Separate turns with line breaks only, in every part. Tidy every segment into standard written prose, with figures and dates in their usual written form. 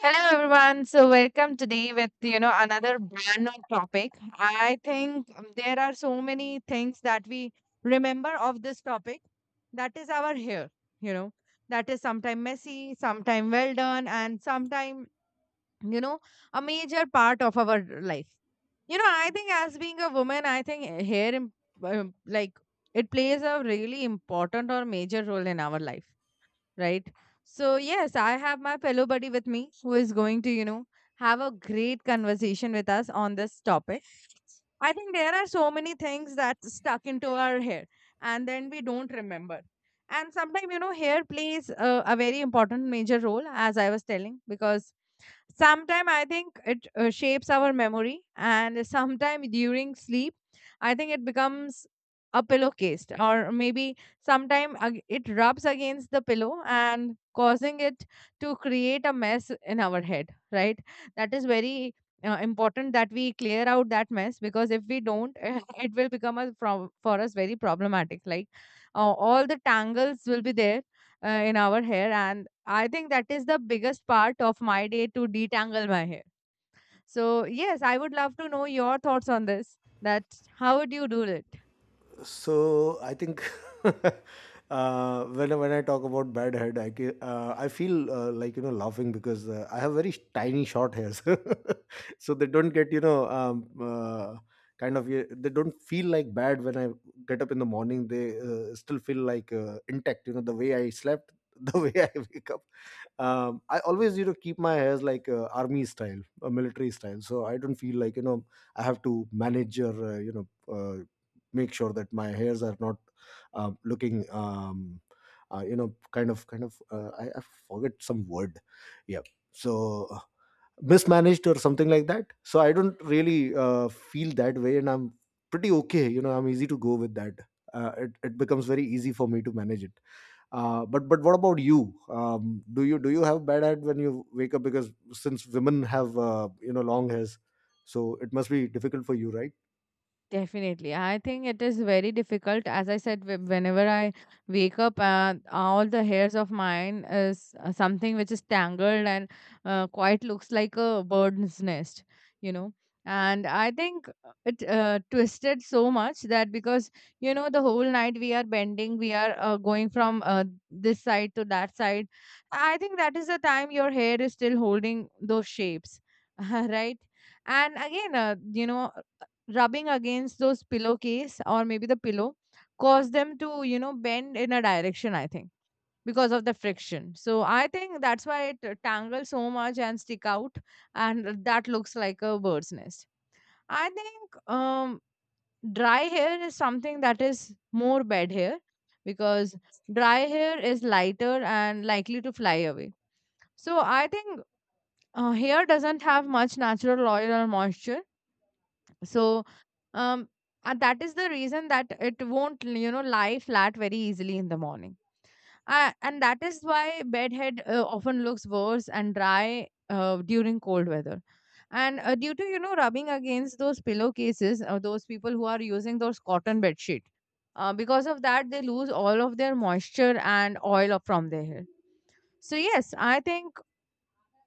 Hello everyone. So welcome today with another brand new topic. I think there are so many things that we remember of this topic. That is our hair, you know. That is sometime messy, sometime well done, and sometime you know a major part of our life. I think as being a woman, I think hair like it plays a really important or major role in our life, right? So, yes, I have my fellow buddy with me who is going to have a great conversation with us on this topic. I think there are so many things that stuck into our head, and then we don't remember. And sometimes, hair plays a very important major role, as I was telling, because sometime I think it shapes our memory, and sometime during sleep I think it becomes a pillowcase, or maybe sometime it rubs against the pillow and causing it to create a mess in our head, right? That is very important that we clear out that mess, because if we don't it will become a from for us very problematic, like all the tangles will be there in our hair. And I think that is the biggest part of my day, to detangle my hair. So, yes, I would love to know your thoughts on this. That how would you do it?
So I think when I talk about bad head, I feel like laughing because I have very tiny short hairs, so they don't get they don't feel like bad when I get up in the morning. They still feel like intact. You know the way I slept, the way I wake up. I always keep my hairs like army style, military style, so I don't feel like I have to manage or make sure that my hairs are not looking I forget some word, yeah, so mismanaged or something like that. So I don't really feel that way, and I'm pretty okay. You know, I'm easy to go with that. It becomes very easy for me to manage it. But what about you? Do you have bad hair when you wake up? Because since women have long hairs, so it must be difficult for you, right?
Definitely. I think it is very difficult. As I said, whenever I wake up, all the hairs of mine is something which is tangled and quite looks like a bird's nest, you know. And I think it twisted so much that, because, the whole night we are bending, we are going from this side to that side. I think that is the time your hair is still holding those shapes, right? And again, rubbing against those pillowcase or maybe the pillow cause them to bend in a direction, I think, because of the friction. So I think that's why it tangles so much and stick out, and that looks like a bird's nest. I think dry hair is something that is more bad hair, because dry hair is lighter and likely to fly away. So I think hair doesn't have much natural oil or moisture. So um and that is the reason that it won't lie flat very easily in the morning. And that is why bedhead often looks worse and dry during cold weather, and due to rubbing against those pillowcases, or those people who are using those cotton bed sheet, because of that they lose all of their moisture and oil up from their hair. So yes, I think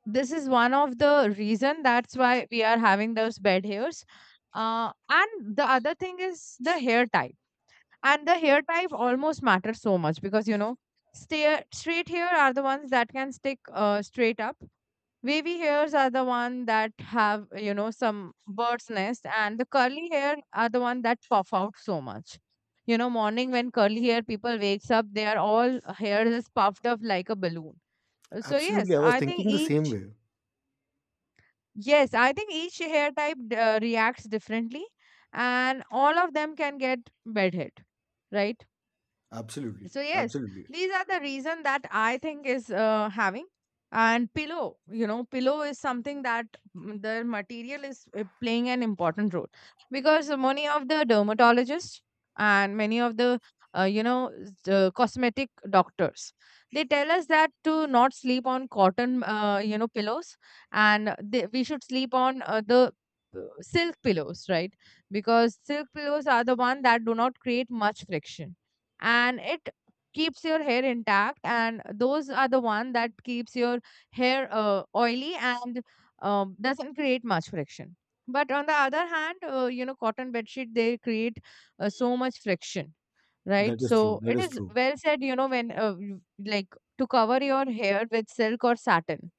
this is one of the reason that's why we are having those bed hairs. And the other thing is the hair type, and the hair type almost matters so much because straight hair are the ones that can stick straight up. Wavy hairs are the one that have some bird's nest, and the curly hair are the one that puff out so much. Morning when curly hair people wakes up, they are all hair is puffed up like a balloon. So yes,
Absolutely, I was
I think
thinking the same
each
way.
Yes, I think each hair type reacts differently, and all of them can get bedhead, right?
Absolutely.
So yes,
Absolutely.
these are the reason that I think is having. And pillow, you know, pillow is something that the material is playing an important role, because many of the dermatologists, and many of the uh, you know the cosmetic doctors, they tell us that to not sleep on cotton, pillows, and they, we should sleep on the silk pillows, right? Because silk pillows are the one that do not create much friction, and it keeps your hair intact, and those are the one that keeps your hair oily, and doesn't create much friction. But on the other hand, you know, cotton bed sheet they create so much friction, right?
That is true.
So
That
it
is
is
true.
well said, you know, when like to cover your hair with silk or satin,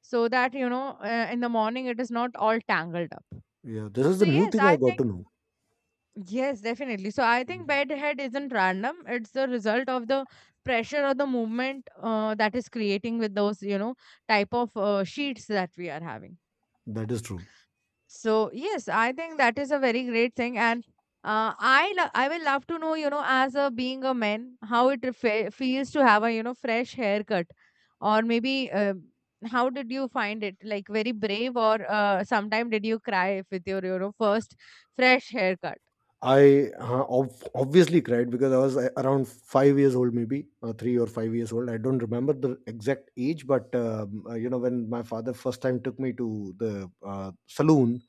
so that, you know, in the morning it is not all tangled up.
Yeah. This is
So
the new
yes,
thing I
I
got
think
to know.
Yes, definitely. So I think
Mhm.
bedhead isn't random. It's the result of the pressure or the movement that is creating with those, you know, type of sheets that we are having.
That is true.
So yes, I think that is a very great thing, and I will love to know, you know, as a being a man, how it feels to have a fresh haircut, or maybe how did you find it? Like, very brave, or sometime did you cry with your first fresh haircut?
I obviously cried because I was around 5 years old, maybe 3 or 5 years old. I don't remember the exact age, but you know, when my father first time took me to the saloon,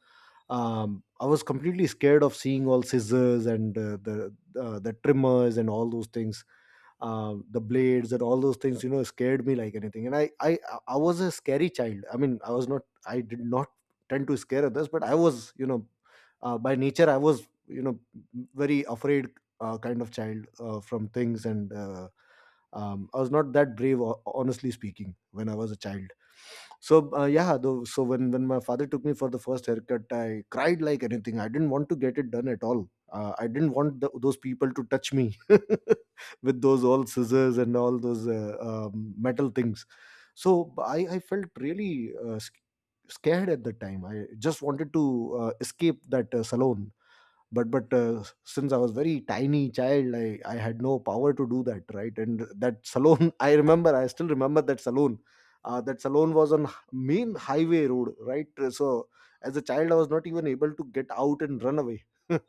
I was completely scared of seeing all scissors and the trimmers and all those things. The blades and all those things, you know, scared me like anything, and I was a scary child. I mean, I was not, I did not tend to scare others, but I was, you know, by nature I was, you know, very afraid, kind of child from things. And I was not that brave, honestly speaking, when I was a child. So yeah, though, so when my father took me for the first haircut, I cried like anything. I didn't want to get it done at all. I didn't want the, those people to touch me with those old scissors and all those metal things. So I felt really scared at the time. I just wanted to escape that salon. But since I was very tiny child, I had no power to do that, right? And that salon, I remember, I still remember that salon. That salon was on main highway road, right? So as a child I was not even able to get out and run away.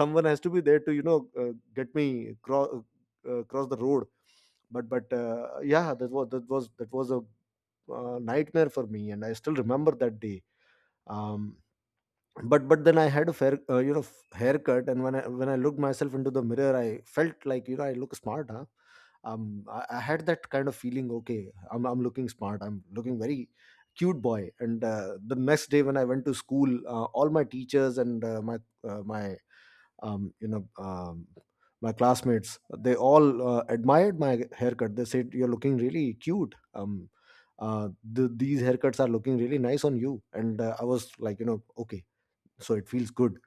Someone has to be there to, you know, get me cross, cross the road. But yeah, that was a nightmare for me, and I still remember that day. Um but then I had a fair haircut, and when I looked myself into the mirror, I felt like, you know, I look smart, huh? I had that kind of feeling, okay, I'm looking smart, I'm looking very cute boy. And the next day when I went to school, all my teachers and my my you know my classmates, they all admired my haircut. They said, you're looking really cute. Uh, these haircuts are looking really nice on you. And I was like, you know, okay, so it feels good.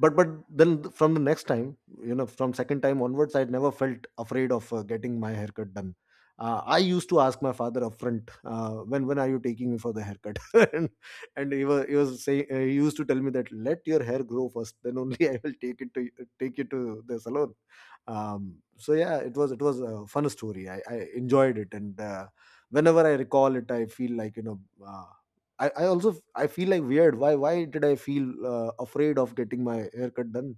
But then from the next time, you know, from second time onwards, I never felt afraid of getting my haircut done. I used to ask my father upfront, when are you taking me for the haircut? And he was saying, he used to tell me that let your hair grow first, then only I will take it to take you to the salon. So yeah, it was a fun story. I enjoyed it. And whenever I recall it, I feel like, you know, I also, I feel like weird, why did I feel afraid of getting my haircut done?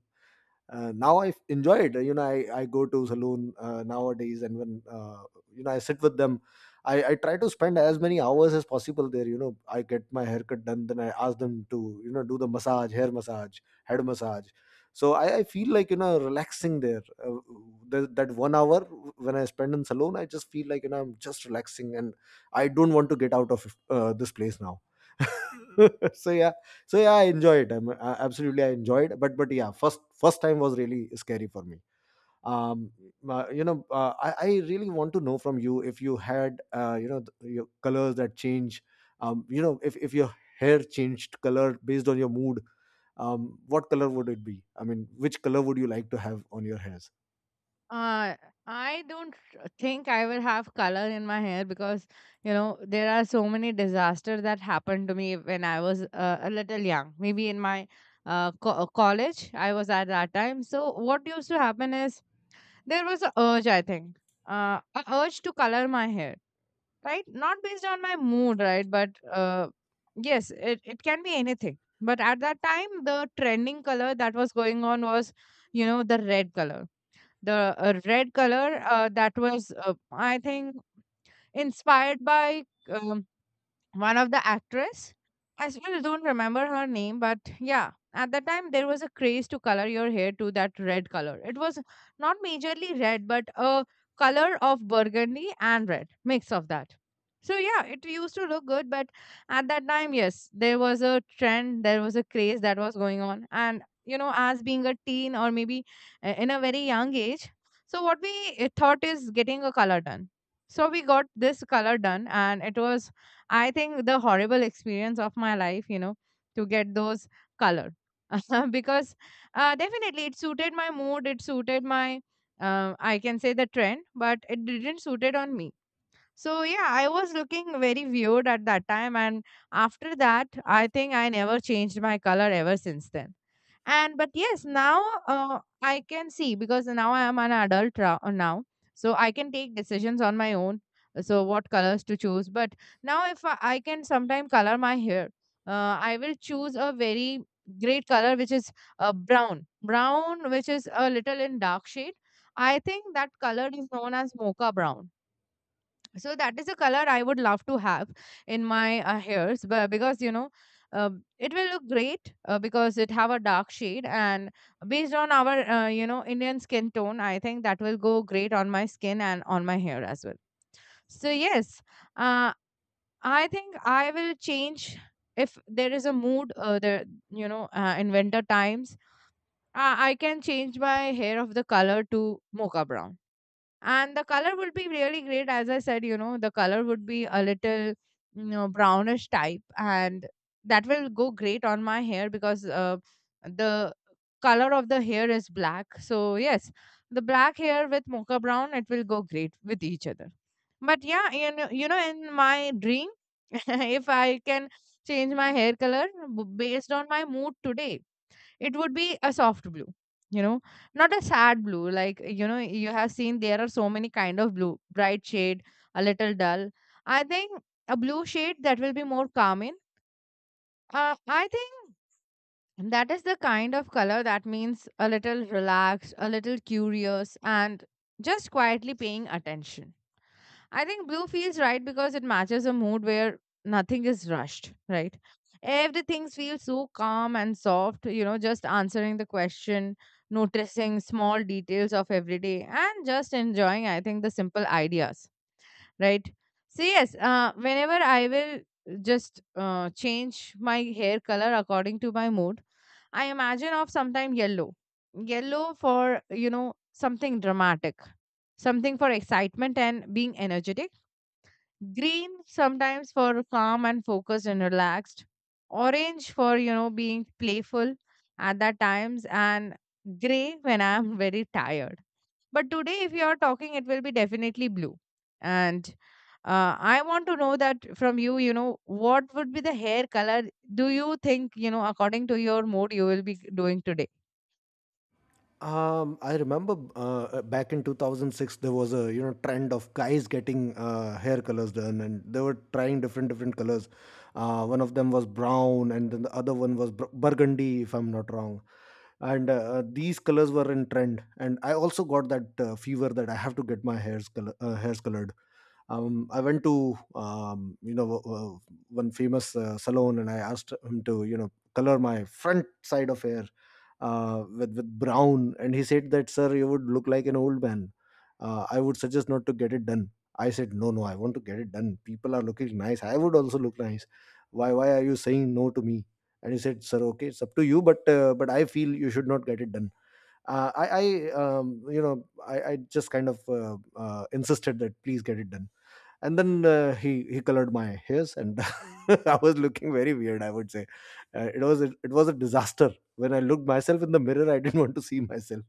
Now I enjoy it. You know, I go to saloon nowadays, and when I sit with them, I try to spend as many hours as possible there. You know, I get my haircut done, then I ask them to, you know, do the massage, hair massage, head massage. So I feel like, you know, relaxing there. That one hour when I spend in salon, I just feel like, you know, I'm just relaxing, and I don't want to get out of this place now. So yeah, so yeah, I enjoy it. Absolutely I enjoyed. But yeah, first time was really scary for me. Um uh, you know uh, I, I really want to know from you, if you had your colors that change, if your hair changed color based on your mood, what color would it be? I mean, which color would you like to have on your hairs?
Uh, I don't think I will have color in my hair because, you know, there are so many disasters that happened to me when I was a little young. Maybe in my college, I was at that time. So, what used to happen is, there was a urge, I think, a urge to color my hair, right? Not based on my mood, right? But yes, it can be anything. But at that time, the trending color that was going on was, you know, the red color, the red color that was, I think, inspired by um, one of the actress. I still don't remember her name, but yeah, at that time there was a craze to color your hair to that red color. It was not majorly red, but a color of burgundy and red mix of that. So yeah, it used to look good, but at that time, yes, there was a trend, there was a craze that was going on, and you know, as being a teen, or maybe in a very young age, so what we thought is getting a color done. So we got this color done, and it was, I think, the horrible experience of my life, you know, to get those color because definitely it suited my mood, it suited my, I can say, the trend, but it didn't suit it on me. So yeah, I was looking very weird at that time, and after that, I think I never changed my color ever since then. And but yes, now, I can see, because now I am an adult now, so I can take decisions on my own, so what colors to choose. But now if I can sometime color my hair, I will choose a very great color, which is brown, which is a little in dark shade. I think that color is known as mocha brown. So that is a color I would love to have in my hairs, but because, you know, it will look great because it have a dark shade, and based on our you know, Indian skin tone, I think that will go great on my skin and on my hair as well. So yes, uh, I think I will change if there is a mood. There, you know, in winter times, I can change my hair of the color to mocha brown, and the color would be really great. As I said, you know, the color would be a little, you know, brownish type, and that will go great on my hair because the color of the hair is black. So yes, the black hair with mocha brown, it will go great with each other. But yeah, you know, in my dream if I can change my hair color based on my mood today, it would be a soft blue. You know, not a sad blue, like, you know, you have seen there are so many kind of blue bright shade, a little dull, I think, a blue shade that will be more calming. I think that is the kind of color that means a little relaxed, a little curious, and just quietly paying attention. I think blue feels right because it matches a mood where nothing is rushed, right? Everything feels so calm and soft, you know, just answering the question, noticing small details of every day, and just enjoying, I think, the simple ideas, right? So, yes, whenever I will just change my hair color according to my mood, I imagine of sometime yellow. Yellow for, something dramatic, something for excitement and being energetic. Green sometimes for calm and focused and relaxed. Orange for being playful at that times, and gray when I'm very tired. But today if you are talking, it will be definitely blue. And I want to know that from you, you know, what would be the hair color, do you think, you know, according to your mood you will be doing today?
I remember back in 2006 there was a, you know, trend of guys getting hair colors done, and they were trying different different colors. One of them was brown, and then the other one was burgundy, if I'm not wrong. And these colors were in trend, and I also got that fever that I have to get my hairs colored. I went to one famous salon, and I asked him to, you know, color my front side of hair with brown. And he said that, sir, you would look like an old man. I would suggest not to get it done. I said, no, no, I want to get it done. People are looking nice, I would also look nice. Why are you saying no to me? And he said, sir, okay, it's up to you, but but I feel you should not get it done. I you know, I just kind of insisted that please get it done. And then he colored my hairs, and I was looking very weird, I would say. It was a disaster. When I looked myself in the mirror, I didn't want to see myself.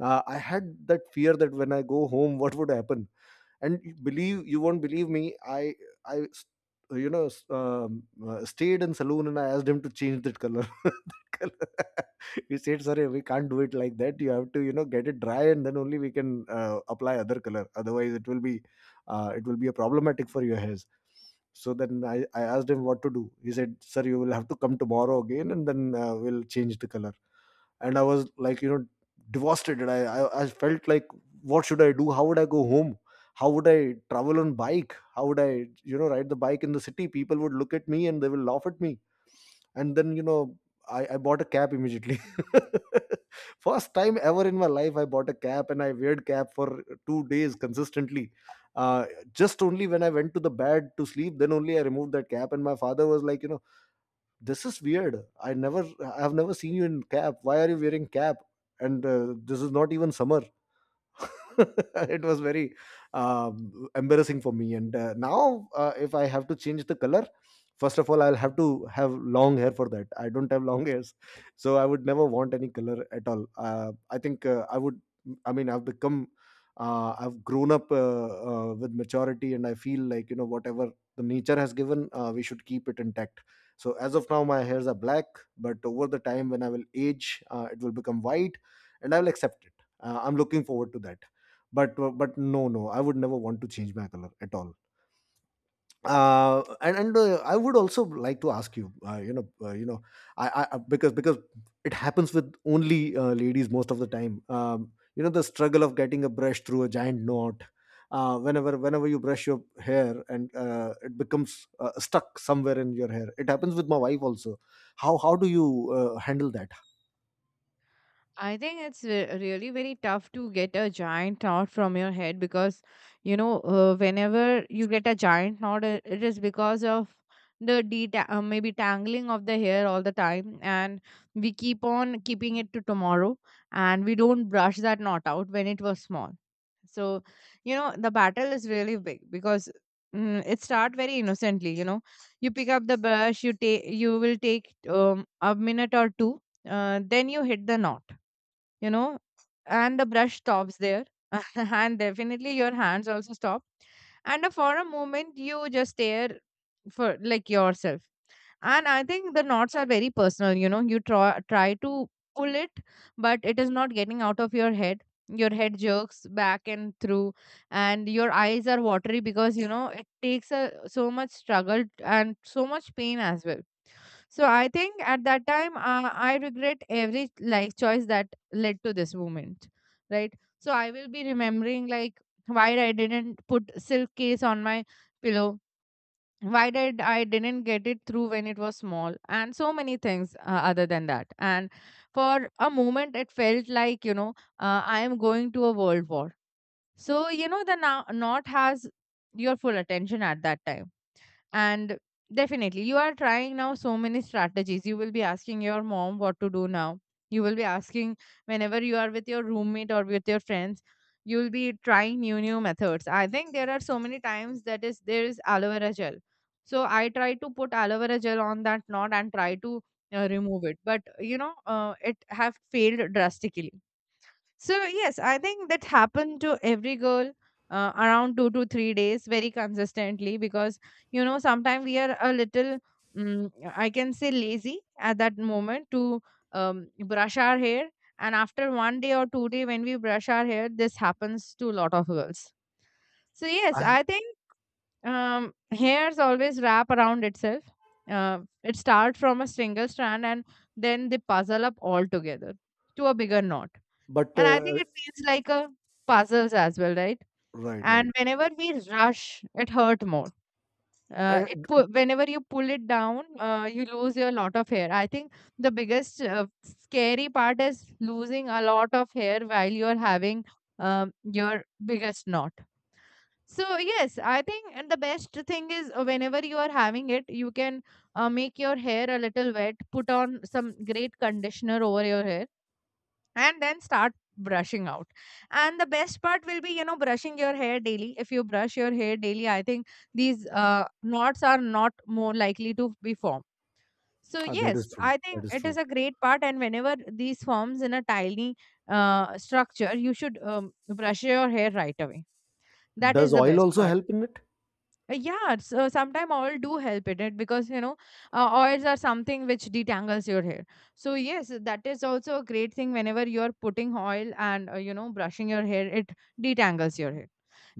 I had that fear that when I go home, what would happen? And you believe, you won't believe me. I I You know, stayed in saloon and I asked him to change that color, that color. He said, sorry, we can't do it like that. You have to, you know, get it dry, and then only we can apply other color, otherwise it will be a problematic for your hairs. So then I asked him what to do. He said, sir, you will have to come tomorrow again, and then we'll change the color. And I was like, you know, devastated. I felt like, what should I do? How would I go home? How would I travel on bike? How would I, you know, ride the bike in the city? People would look at me, and they will laugh at me. And then, you know, I bought a cab immediately. First time ever in my life I bought a cab, and I weared cab for 2 days consistently. uh, just only when I went to the bed to sleep, then only I removed that cap. And my father was like, you know, this is weird. I have never seen you in cap. Why are you wearing cap? And this is not even summer. It was very embarrassing for me. And now if I have to change the color, first of all I'll have to have long hair. For that I don't have long hairs. So I would never want any color at all. I think I would I mean I've become I've grown up with maturity, and I feel like, you know, whatever the nature has given, we should keep it intact. So as of now my hairs are black, but over the time when I will age, it will become white, and I will accept it. I'm looking forward to that. But no, no, I would never want to change my color at all. And I would also like to ask you, you know, I- because it happens with only ladies most of the time. You know, the struggle of getting a brush through a giant knot. Whenever you brush your hair and it becomes stuck somewhere in your hair, it happens with my wife also. How do you handle that?
I think really very tough to get a giant knot from your head because, you know, whenever you get a giant knot, it is because of maybe tangling of the hair all the time, and we keep on keeping it to tomorrow, and we don't brush that knot out when it was small. So, you know, the battle is really big because it start very innocently. You know, you pick up the brush, you will take a minute or two, then you hit the knot, you know, and the brush stops there. And definitely your hands also stop, and for a moment you just stare for like yourself. And I think the knots are very personal, you know, you try to pull it, but it is not getting out of your head. Your head jerks back and through, and your eyes are watery because, you know, it takes a so much struggle and so much pain as well. So I think at that time, I regret every life choice that led to this moment, right? So I will be remembering like why I didn't put silk case on my pillow, why did I didn't get it through when it was small, and so many things other than that. And for a moment, it felt like, you know, I am going to a world war. So you know the now not has your full attention at that time. And definitely, you are trying now so many strategies. You will be asking your mom what to do now. You will be asking whenever you are with your roommate or with your friends, you will be trying new methods. I think there are so many times that is there is aloe vera gel. So I try to put aloe vera gel on that knot and try to remove it. But you know, it have failed drastically. So, yes, I think that happened to every girl around 2 to 3 days very consistently because, you know, sometimes we are a little, mm I can say, lazy at that moment to brush our hair. And after 1 day or 2 day, when we brush our hair, this happens to a lot of girls. So,
I,
yes, I think hairs always wrap around itself. It starts from a single strand and then they puzzle up all together to a bigger knot.
but
And I think it feels like a puzzles as well, right?
Right, right.
And whenever we rush, it hurt more.
I,
Whenever you pull it down, you lose a lot of hair. I think the biggest scary part is losing a lot of hair while you're having your biggest knot. So yes, I think, and the best thing is, whenever you are having it, you can make your hair a little wet, put on some great conditioner over your hair, and then start brushing out. And the best part will be, you know, brushing your hair daily. If you brush your hair daily, I think these knots are not more likely to be formed. So
Ah, that is
yes,
true,
I think
that is
it
true.
is a great part, and whenever these forms in a tiny structure, you should brush your hair right away. That is
Does
the
oil
best
also
part.
help in it?
Yeah, so sometimes oil do help in it because, you know, oils are something which detangles your hair. So yes, that is also a great thing. Whenever you are putting oil and, you know, brushing your hair, it detangles your hair.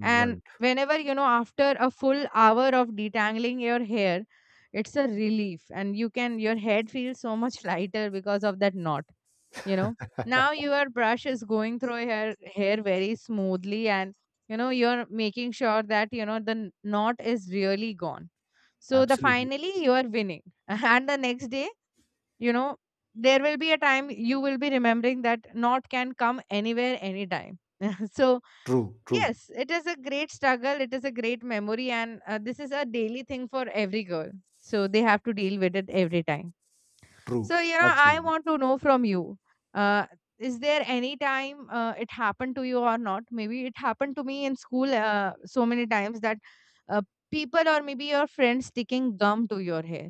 And whenever, you know, after a full hour of detangling your hair, it's a relief, and you can your head feels so much lighter because of that knot, you know. Now your brush is going through hair very smoothly, and, you know, you're making sure that, you know, knot is really gone. So the
Absolutely.
finally, you are winning. And the next day, you know, there will be a time you will be remembering that knot can come anywhere anytime. So
True, true,
yes, it is a great struggle, it is a great memory, and this is a daily thing for every girl. So they have to deal with it every time.
true.
So, you know, I
Absolutely.
want to know from you. Uh, is there any time it happened to you or not? Maybe it happened to me in school so many times that uh, people or maybe your friends sticking gum to your hair.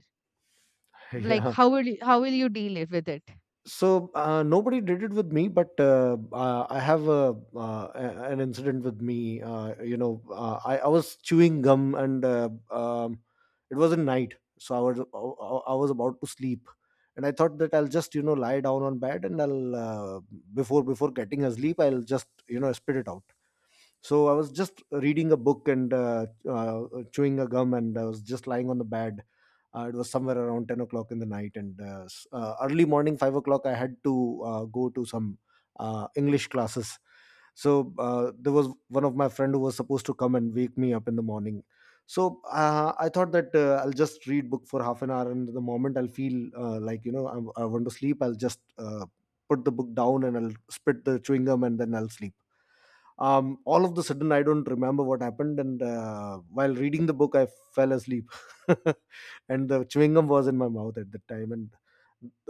Like,
Yeah.
how will you deal it with it?
So nobody did it with me, but I have a, an incident with me. I was chewing gum, and it was a night, so I was about to sleep. And I thought that I'll just, you know, lie down on bed, and I'll, before getting asleep, I'll just, you know, spit it out. So I was just reading a book, and chewing a gum, and I was just lying on the bed. It was somewhere around 10 o'clock in the night, and early morning, 5 o'clock, I had to go to some English classes. So there was one of my friend who was supposed to come and wake me up in the morning. So I thought that I'll just read book for half an hour, and the moment I'll feel like, you know, I want to sleep, I'll just put the book down and I'll spit the chewing gum, and then I'll sleep. All of the sudden, I don't remember what happened, and while reading the book, I fell asleep. And the chewing gum was in my mouth at that time, and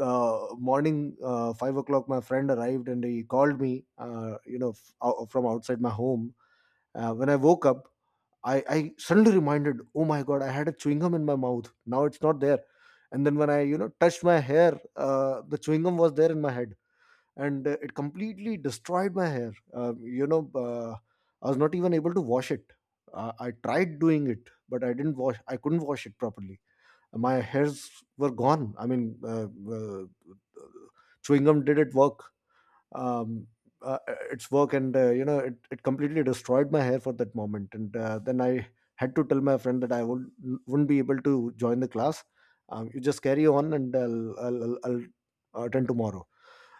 morning, 5 o'clock, my friend arrived and he called me, you know, from outside my home. When I woke up, I suddenly reminded, oh my god, I had a chewing gum in my mouth, now it's not there. And then when I, you know, touched my hair, the chewing gum was there in my head, and it completely destroyed my hair. I was not even able to wash it. I tried doing it, but I didn't wash. I couldn't wash it properly. My hairs were gone. I mean, chewing gum did it work. Um, uh, its work, and, you know, it completely destroyed my hair for that moment. And then I had to tell my friend that I would wouldn't be able to join the class. You just carry on, and I'll attend tomorrow.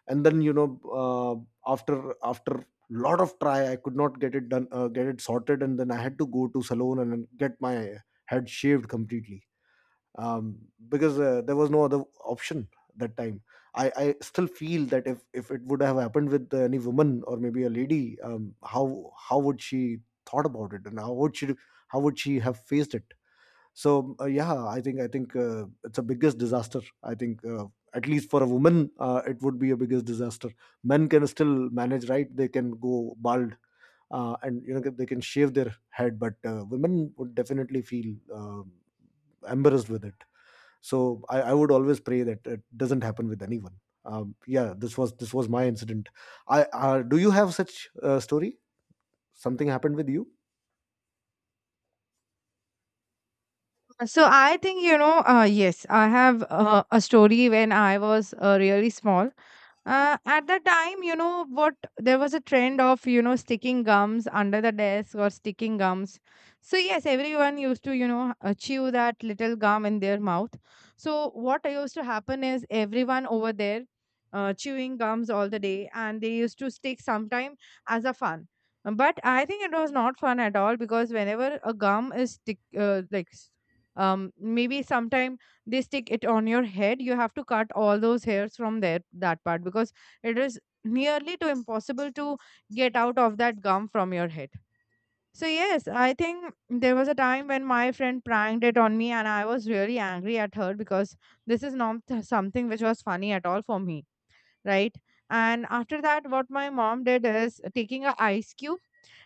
And then, you know, after lot of try, I could not get it done, get it sorted, and then I had to go to salon and then get my head shaved completely, um, because there was no other option that time. I still feel that if it would have happened with any woman or maybe a lady, how would she thought about it, and how would she, how would she have faced it? So yeah, I think it's a biggest disaster. I think at least for a woman, it would be a biggest disaster. Men can still manage, right? They can go bald, and you know they can shave their head, but women would definitely feel embarrassed with it. So I would always pray that it doesn't happen with anyone. Yeah, this was my incident. I, do you have such a story? Something happened with you?
So I think, you know, yes, I have a story when I was really small. At the time, you know what, there was a trend of, you know, sticking gums under the desk or sticking gums. So yes, everyone used to, you know, chew that little gum in their mouth. So what used to happen is everyone over there chewing gums all the day and they used to stick sometime as a fun. But I think it was not fun at all because whenever a gum is stick, maybe sometime they stick it on your head, you have to cut all those hairs from there, that part, because it is nearly to impossible to get out of that gum from your head. So yes, I think there was a time when my friend pranked it on me and I was really angry at her because this is not th- something which was funny at all for me, right? And after that, what my mom did is taking a ice cube,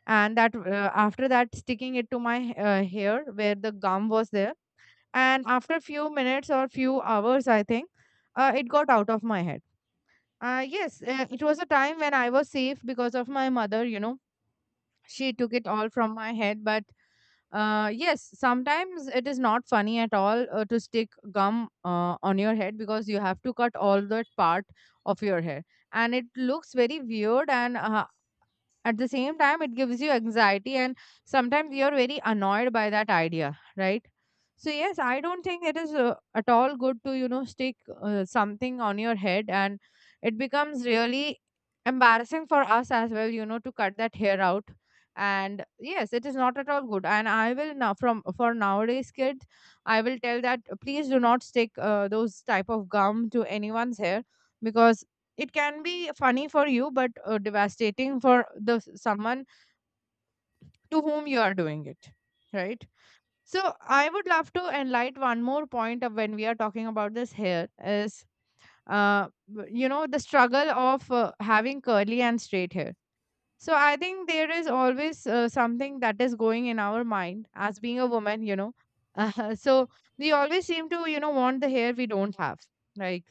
and that, after that, sticking it to my hair where the gum was there. And after few minutes or few hours, I think, it got out of my head. Yes, it was a time when I was safe because of my mother, you know, she took it all from my head. But yes, sometimes it is not funny at all to stick gum on your head, because you have to cut all that part of your hair, and it looks very weird, and at the same time it gives you anxiety, and sometimes you're very annoyed by that idea, right? So yes, I don't think it is at all good to, you know, stick something on your head, and it becomes really embarrassing for us as well, you know, to cut that hair out. And yes, it is not at all good, and I will now from for nowadays kids, I will tell that please do not stick those type of gum to anyone's hair, because it can be funny for you but devastating for someone to whom you are doing it, right? So I would love to enlighten one more point of when we are talking about this hair is, uh, you know, the struggle of having curly and straight hair. So I think there is always something that is going in our mind as being a woman, you know. So we always seem to, you know, want the hair we don't have. Like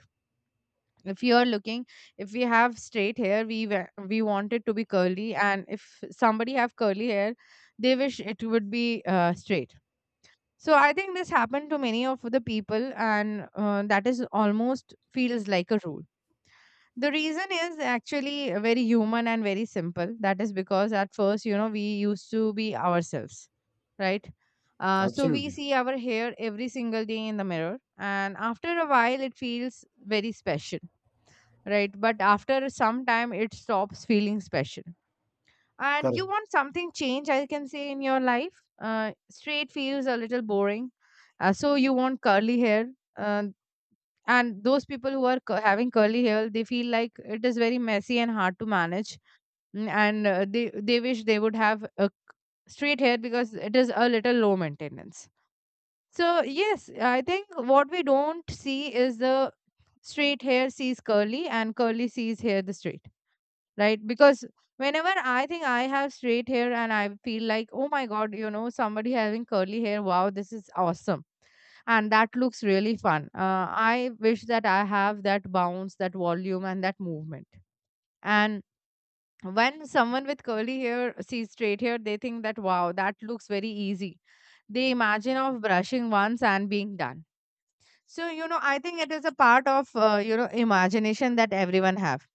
if you are looking If we have straight hair, we want it to be curly, and if somebody have curly hair, they wish it would be straight. So I think this happened to many of the people, and that is almost feels like a rule. The reason is actually very human and very simple, that is because at first, you know, we used to be ourselves, right? So we
Absolutely.
see our hair every single day in the mirror, and after a while it feels very special, right? But after some time, it stops feeling special. And you
Correct.
want something change, I can say, in your life. Straight feels a little boring. So you want curly hair. Uh, and those people who are having curly hair, they feel like it is very messy and hard to manage. Mm. And they wish they would have a straight hair because it is a little low maintenance. So, yes, I think what we don't see is the straight hair sees curly and curly sees hair the straight, right? Because whenever I think I have straight hair and I feel like, oh my God, you know, somebody having curly hair, wow, this is awesome. And that looks really fun. I wish that I have that bounce, that volume, and that movement. And when someone with curly hair sees straight hair, they think that, wow, that looks very easy. They imagine of brushing once and being done. So, you know, I think it is a part of, you know, imagination that everyone have,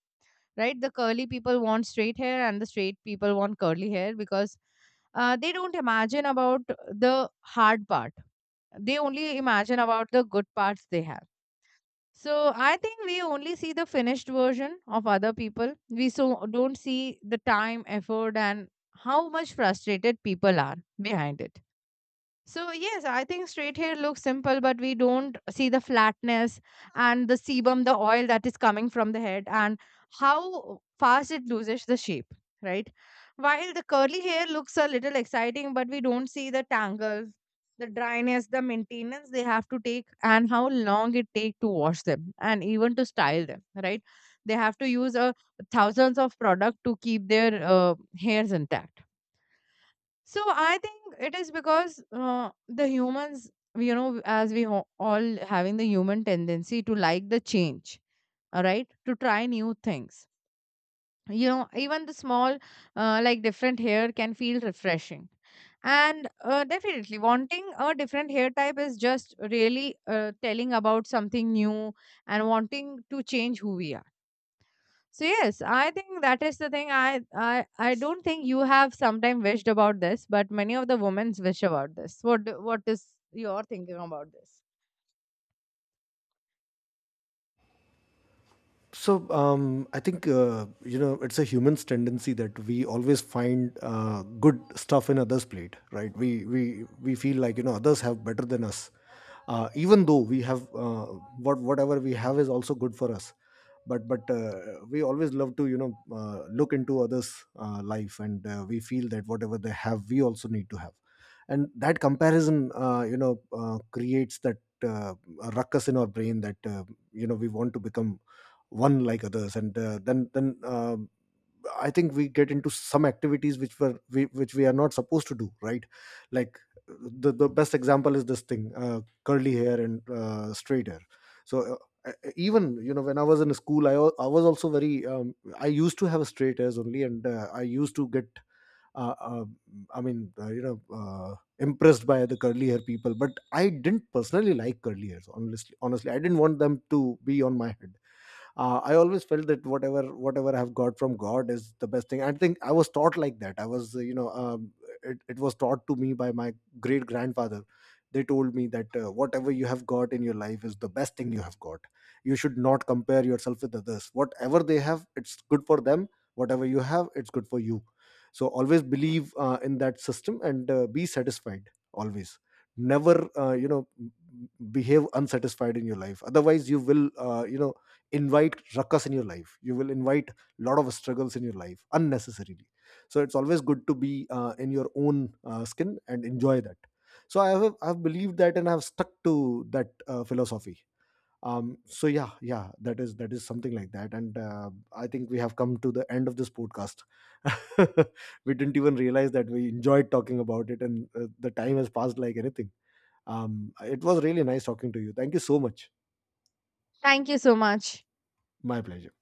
right? The curly people want straight hair and the straight people want curly hair because they don't imagine about the hard part. They only imagine about the good parts they have. So I think we only see the finished version of other people. We so don't see the time, effort, and how much frustrated people are behind it. So yes, I think straight hair looks simple, but we don't see the flatness and the sebum, the oil that is coming from the head, and how fast it loses the shape, right? While the curly hair looks a little exciting, but we don't see the tangles, the dryness, the maintenance they have to take, and how long it take to wash them and even to style them, right? They have to use thousands of product to keep their hairs intact. So I think it is because the humans, you know, as we all having the human tendency to like the change, all right, to try new things. You know, even the small, like different hair can feel refreshing. And definitely, wanting a different hair type is just really telling about something new and wanting to change who we are. So yes, I think that is the thing. I don't think you have sometime wished about this, but many of the women's wish about this. What is your thinking about this?
So I think, you know, it's a human's tendency that we always find good stuff in others' plate, right? We feel like, you know, others have better than us, even though we have whatever we have is also good for us. But we always love to, you know, look into others' life, and we feel that whatever they have, we also need to have, and that comparison, creates that uh, a ruckus in our brain that you know, we want to become one like others, and then I think we get into some activities which which we are not supposed to do, right? Like the best example is this thing, curly hair and straight hair. So even, you know, when I was in school, I was also very I used to have straight hairs only, and I used to get uh, uh, you know, impressed by the curly hair people, but I didn't personally like curly hairs. Honestly, I didn't want them to be on my head. I always felt that whatever I've got from god is the best thing. I think I was taught like that. I was, it was taught to me by my great grandfather. They told me that whatever you have got in your life is the best thing you have got. You should not compare yourself with others. Whatever they have, it's good for them. Whatever you have, it's good for you. So always believe in that system, and be satisfied always. Never behave unsatisfied in your life, otherwise you will, invite ruckus in your life. You will invite a lot of struggles in your life unnecessarily. So it's always good to be in your own skin and enjoy that. So I've believed that, and I've stuck to that philosophy. So yeah, that is something like that. And I think we have come to the end of this podcast. We didn't even realize that we enjoyed talking about it, and the time has passed like anything. It was really nice talking to you. Thank you so much.
Thank you so much.
My pleasure.